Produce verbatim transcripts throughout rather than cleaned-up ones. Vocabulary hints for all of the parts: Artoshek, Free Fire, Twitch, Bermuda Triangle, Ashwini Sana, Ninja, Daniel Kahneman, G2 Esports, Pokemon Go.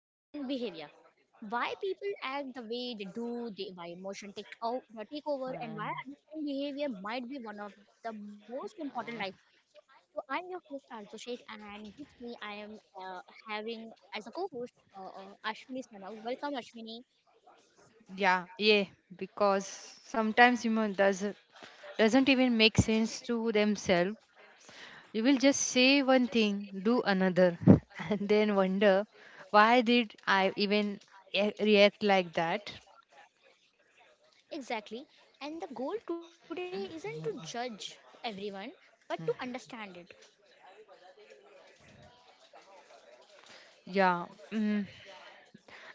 human behavior. Why people act the way they do, they, why emotion take, o- uh, take over, and Mm, why understanding behavior might be one of the most important mm. life skills. So I'm your host Artoshek, and with me I am uh, having as a co-host uh, uh, Ashwini Sana. Welcome Ashwini. Yeah, yeah, because sometimes you know doesn't doesn't even make sense to themselves. You will just say one thing, do another, and then wonder why did I even a- react like that? Exactly. And the goal today isn't to judge everyone, but to understand it. Yeah, mm.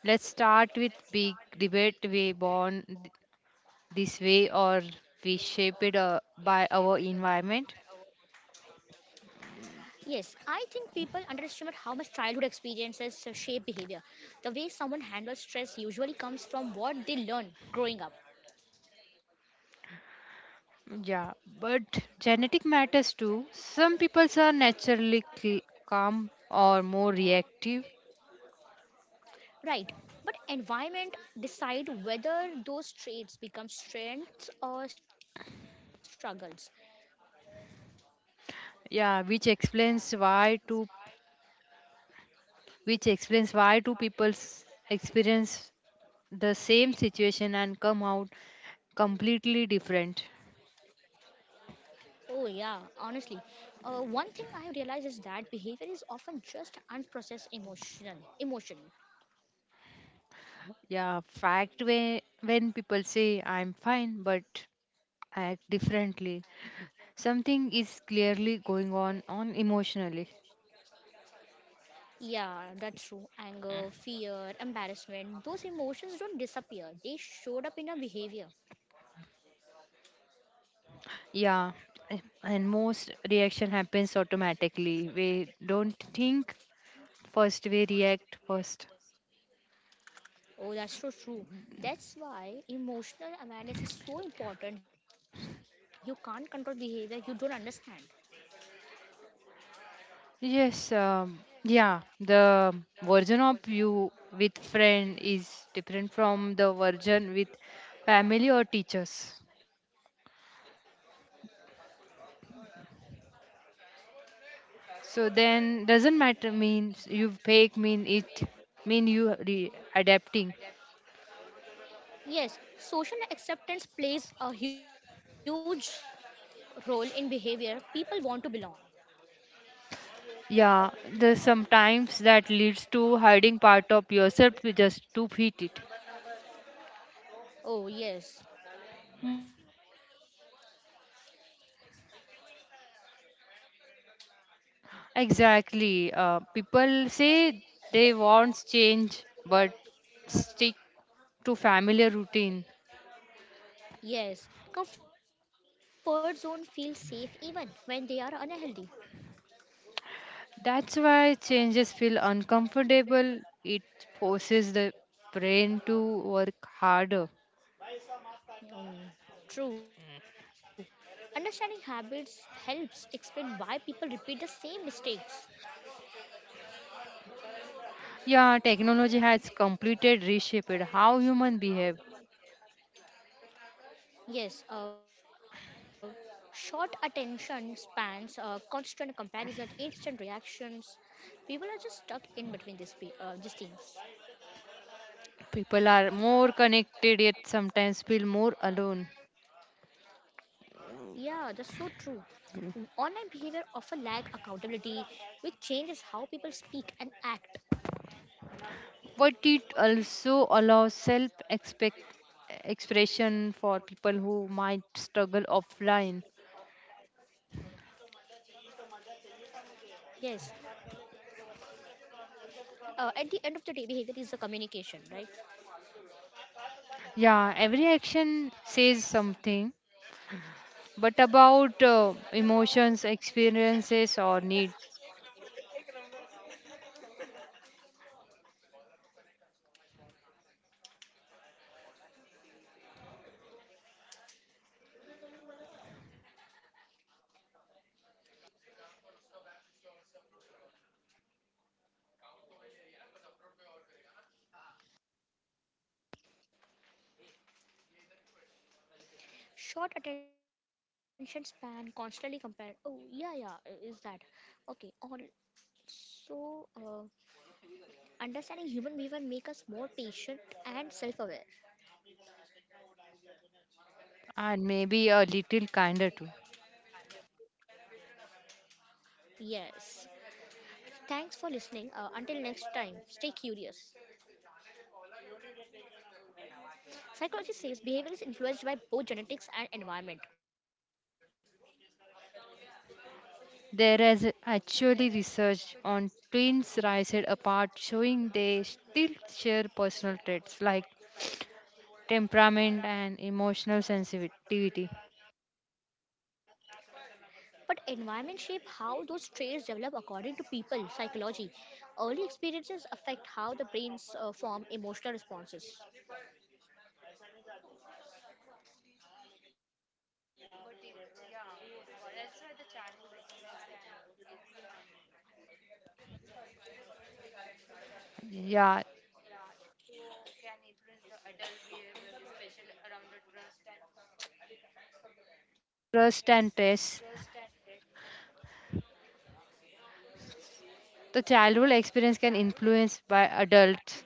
Let's start with big debate. We born th- this way or we shaped uh, by our environment. Yes, I think people underestimate how much childhood experiences uh, shape behavior. The way someone handles stress usually comes from what they learn growing up. Yeah, but genetic matters too. Some people are naturally cl- calm or more reactive. Right, but environment decide whether those traits become strengths or struggles. Yeah, which explains why two which explains why two people experience the same situation and come out completely different. Oh yeah, honestly, uh, one thing I realize is that behavior is often just unprocessed emotional emotion. Yeah, fact when when people say I'm fine but act differently, something is clearly going on on emotionally. Yeah, that's true. Anger, fear, embarrassment, those emotions don't disappear. They showed up in our behavior. Yeah, a- and most reaction happens automatically. We don't think first, we react first. Oh, that's so true. That's why emotional awareness is so important. You can't control behavior you don't understand. Yes, um, yeah, the version of you with friend is different from the version with family or teachers. So then doesn't matter means you fake mean it mean you re- adapting. Yes, social acceptance plays a huge role in behavior. People want to belong. Yeah, the sometimes that leads to hiding part of yourself just to fit it. Oh, yes. Most human behavior isn't conscious, it's habitual. Exactly. Uh, people say they want change, but stick to familiar routine. Yes, comfort zone feels safe even when they are unhealthy. That's why changes feel uncomfortable. It forces the brain to work harder. Mm, true. Understanding habits helps explain why people repeat the same mistakes. Yeah, technology has completed reshaped how human behave. Yes, uh, short attention spans, uh, constant comparison, instant reactions. People are just stuck in between these, pe- uh, these things. People are more connected yet sometimes feel more alone. Yeah, that's so true. Online behavior often lack accountability, which changes how people speak and act. But it also allows self expression for people who might struggle offline. Yes, uh, at the end of the day, behavior is a communication, right? Yeah, every action says something but about uh, emotions experiences or needs. Short attention span constantly compare. Oh yeah, yeah, uh, is that okay also uh, understanding human behavior make us more patient and self-aware. And maybe a little kinder too. Yes, thanks for listening. Uh, until next time stay curious. Psychology says behavior is influenced by both genetics and environment, There is actually research on twins raised apart showing they still share personal traits like temperament and emotional sensitivity. but environment shape how those traits develop according to people psychology. Early experiences affect how the brains uh, form emotional responses. Yeah, trust and stress. The childhood experience can influence by adults.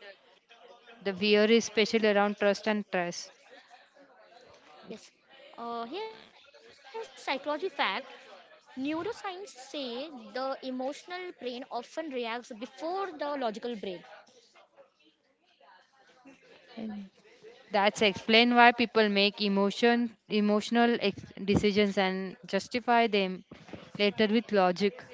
The fear is especially around trust and trust. Yes. Uh, here's psychology fact. Neuroscience say the emotional brain often reacts before the logical brain. Mm. That's explain why people make emotion emotional ex- decisions and justify them later with logic.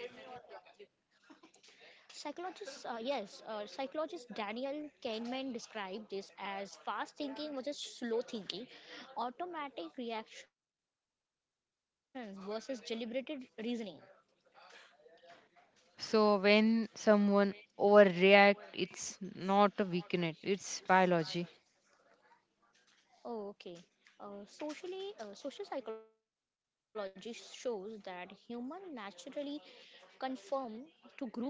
Psychologist, uh, yes, uh, psychologist Daniel Kahneman described this as fast thinking versus slow thinking, automatic reactions versus deliberated reasoning. So when someone overreact, it's not a weakness; it's biology. Oh, okay. Uh, socially, uh, social psychology shows that humans naturally conform to group behavior.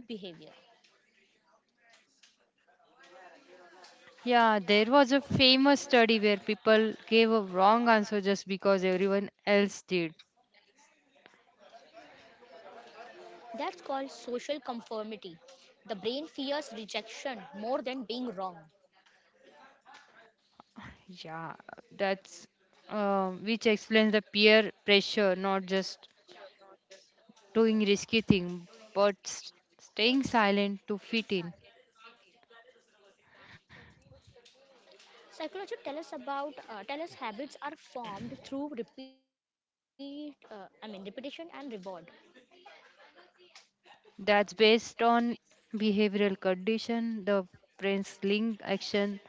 Yeah, there was a famous study where people gave a wrong answer just because everyone else did. That's called social conformity. The brain fears rejection more than being wrong. Yeah, that's um, which explains the peer pressure, not just doing risky thing, but s- staying silent to fit in. Psychology tell us about uh, tell us habits are formed through repeat uh, I mean repetition and reward. That's based on behavioral condition. The brain's link action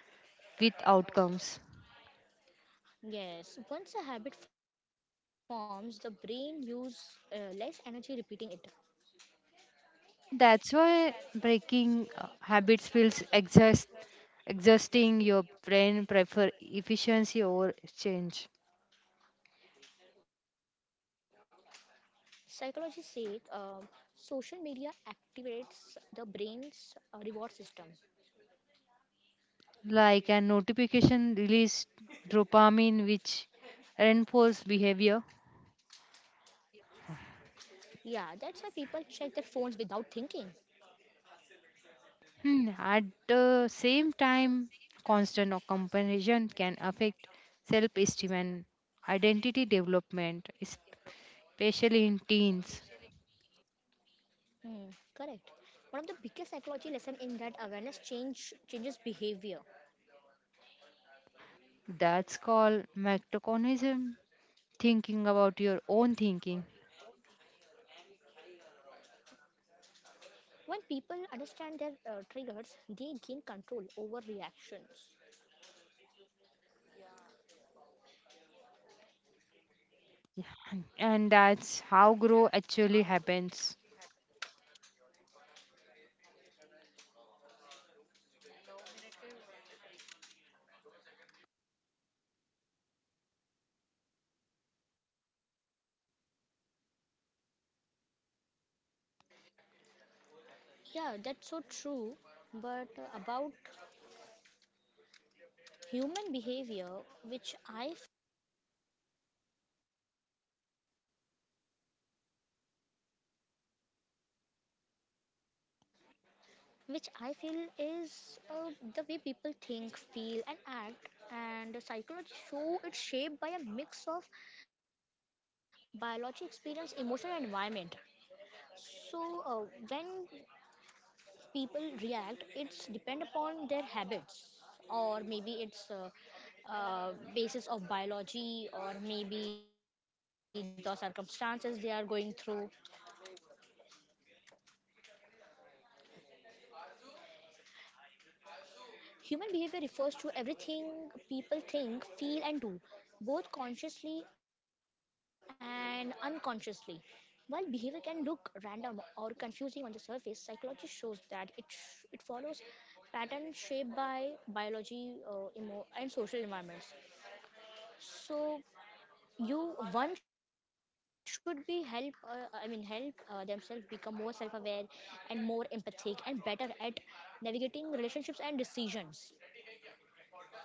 with outcomes. Yes, once a habit forms, the brain use uh, less energy repeating it. That's why breaking uh, habits feels exhaust, exhausting. Your brain prefer efficiency over change. Psychology says uh, social media activates the brain's uh, reward system. Like a notification release dopamine which reinforce behavior. Yeah, that's why people check their phones without thinking. Hmm, at the same time constant comparison can affect self-esteem and identity development, especially in teens. Hmm, correct. One of the biggest psychology lesson in that awareness change changes behavior. That's called metaconism, thinking about your own thinking. When people understand their uh, triggers, they gain control over reactions. Yeah, and that's how growth actually happens. Yeah, that's so true. But uh, about human behavior, which I f- which I feel is uh, the way people think, feel, and act, and psychology show it's shaped by a mix of biology, experience, emotion, and environment. So uh, when people react it's depend upon their habits, or maybe it's uh, uh, basis of biology or maybe the circumstances they are going through. Human behavior refers to everything people think, feel, and do, both consciously and unconsciously. While behavior can look random or confusing on the surface, psychology shows that it sh- it follows patterns shaped by biology uh, emo- and social environments. So you one should be help. Uh, I mean help uh, themselves become more self-aware and more empathic and better at navigating relationships and decisions.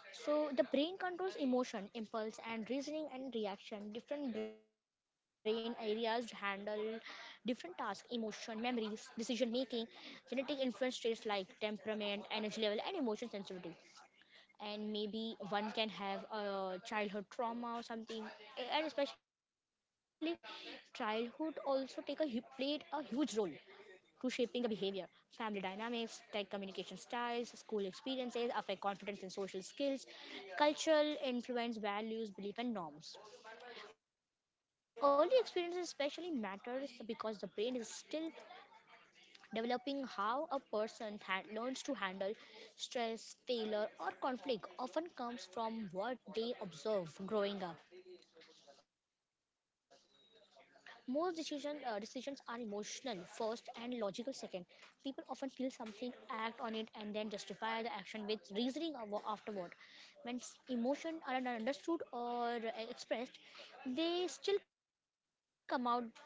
So the brain controls emotion, impulse, and reasoning and reaction. Different brain areas handle different tasks: emotion, memories, decision making, genetic influence traits like temperament, energy level, and emotion sensitivity. And maybe one can have a childhood trauma or something. A- and especially childhood also take a hu- played a huge role to shaping the behavior. Family dynamics, tech communication styles, school experiences affect confidence and social skills. Cultural influence values, belief, and norms. Early experiences especially matters because the brain is still developing. How a person ha- learns to handle stress, failure, or conflict often comes from what they observe growing up. Most decision, uh, decisions are emotional first and logical second. People often feel something, act on it, and then justify the action with reasoning avo- afterward. When s- emotion are not understood or uh, expressed, they still come out, just indirectly.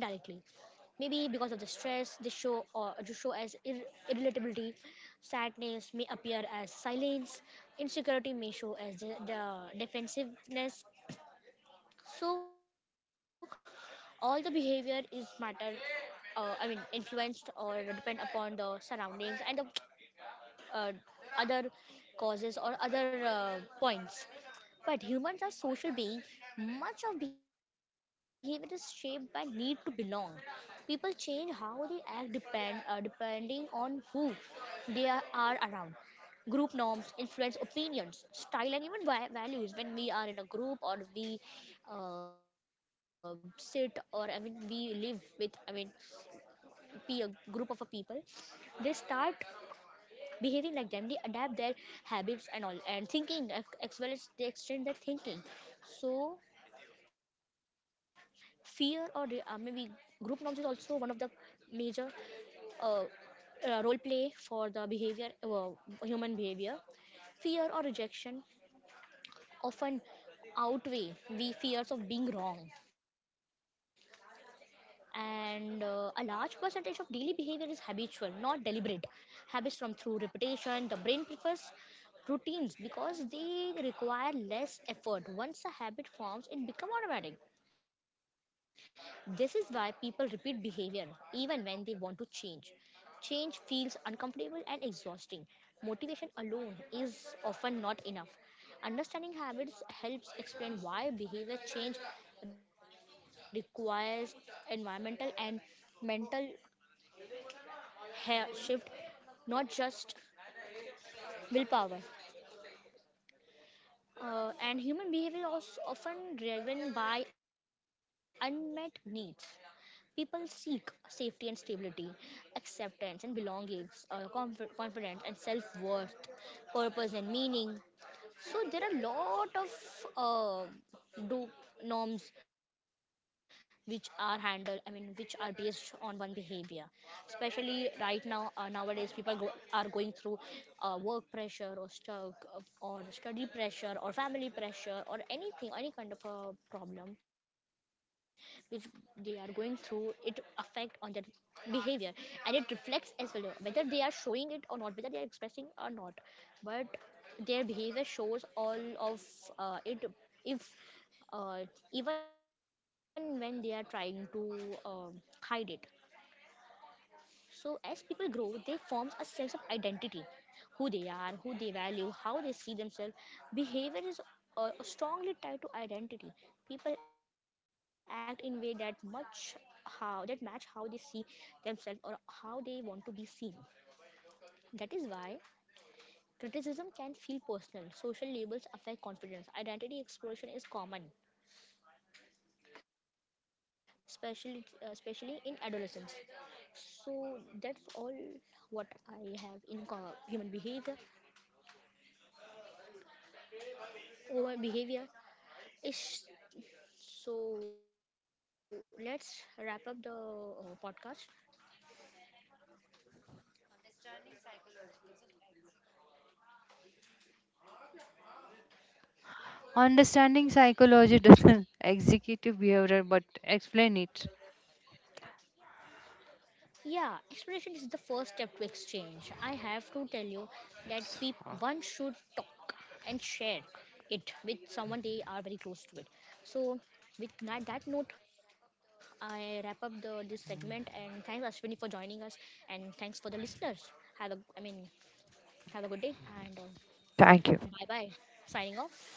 Maybe because of the stress they show, or they show as ir- irritability, sadness may appear as silence, insecurity may show as the, the defensiveness. So all the behavior is matter, uh, i mean influenced or depend upon the surroundings and the uh, other causes or other uh, points. But humans are social beings. Much of behavior is shaped by need to belong. People change how they act depend, uh, depending on who they are are around. Group norms influence opinions, style, and even va- values. When we are in a group, or we uh, sit, or I mean we live with, I mean be a group of a people, they start behaving like them. They adapt their habits and all, and thinking as as well as they extend their thinking. So fear or re- uh, maybe group norms is also one of the major uh, uh, role play for the behavior, uh, human behavior. Fear or rejection often outweigh the fears of being wrong. And uh, a large percentage of daily behavior is habitual, not deliberate. Habits from through repetition. The brain prefers routines because they require less effort. Once a habit forms it becomes automatic. This is why people repeat behavior even when they want to change. Change feels uncomfortable and exhausting. Motivation alone is often not enough. Understanding habits helps explain why behavior change requires environmental and mental ha- shift, not just willpower. Uh, and human behavior is often driven by unmet needs. People seek safety and stability, acceptance and belongings, uh, conf- confidence and self worth, purpose and meaning. So there are a lot of uh, do norms which are handled I mean which are based on one behavior. Especially right now, uh, nowadays people go, are going through uh, work pressure, or stuck uh, or study pressure, or family pressure, or anything, any kind of a problem which they are going through. It affect on their behavior, and it reflects as well, whether they are showing it or not, whether they are expressing or not. But their behavior shows all of uh, it, if uh, even when they are trying to um hide it. So as people grow, they forms a sense of identity, who they are, who they value, how they see themselves. Behavior is uh, strongly tied to identity. People act in way that much how that match how they see themselves, or how they want to be seen. That is why criticism can feel personal. Social labels affect confidence. Identity exploration is common, especially uh, especially in adolescence. So that's all what I have in co- human behavior. Human behavior is so. Let's wrap up the uh, podcast. Understanding psychology doesn't execute behavior but explain it. Yeah, exploration is the first step to exchange. I have to tell you that peop- one should talk and share it with someone they are very close to it. So, with na- that note, I wrap up the this segment, and thanks Ashwini for joining us, and thanks for the listeners. Have a, I mean, have a good day, and uh, Thank you. bye bye. Signing off.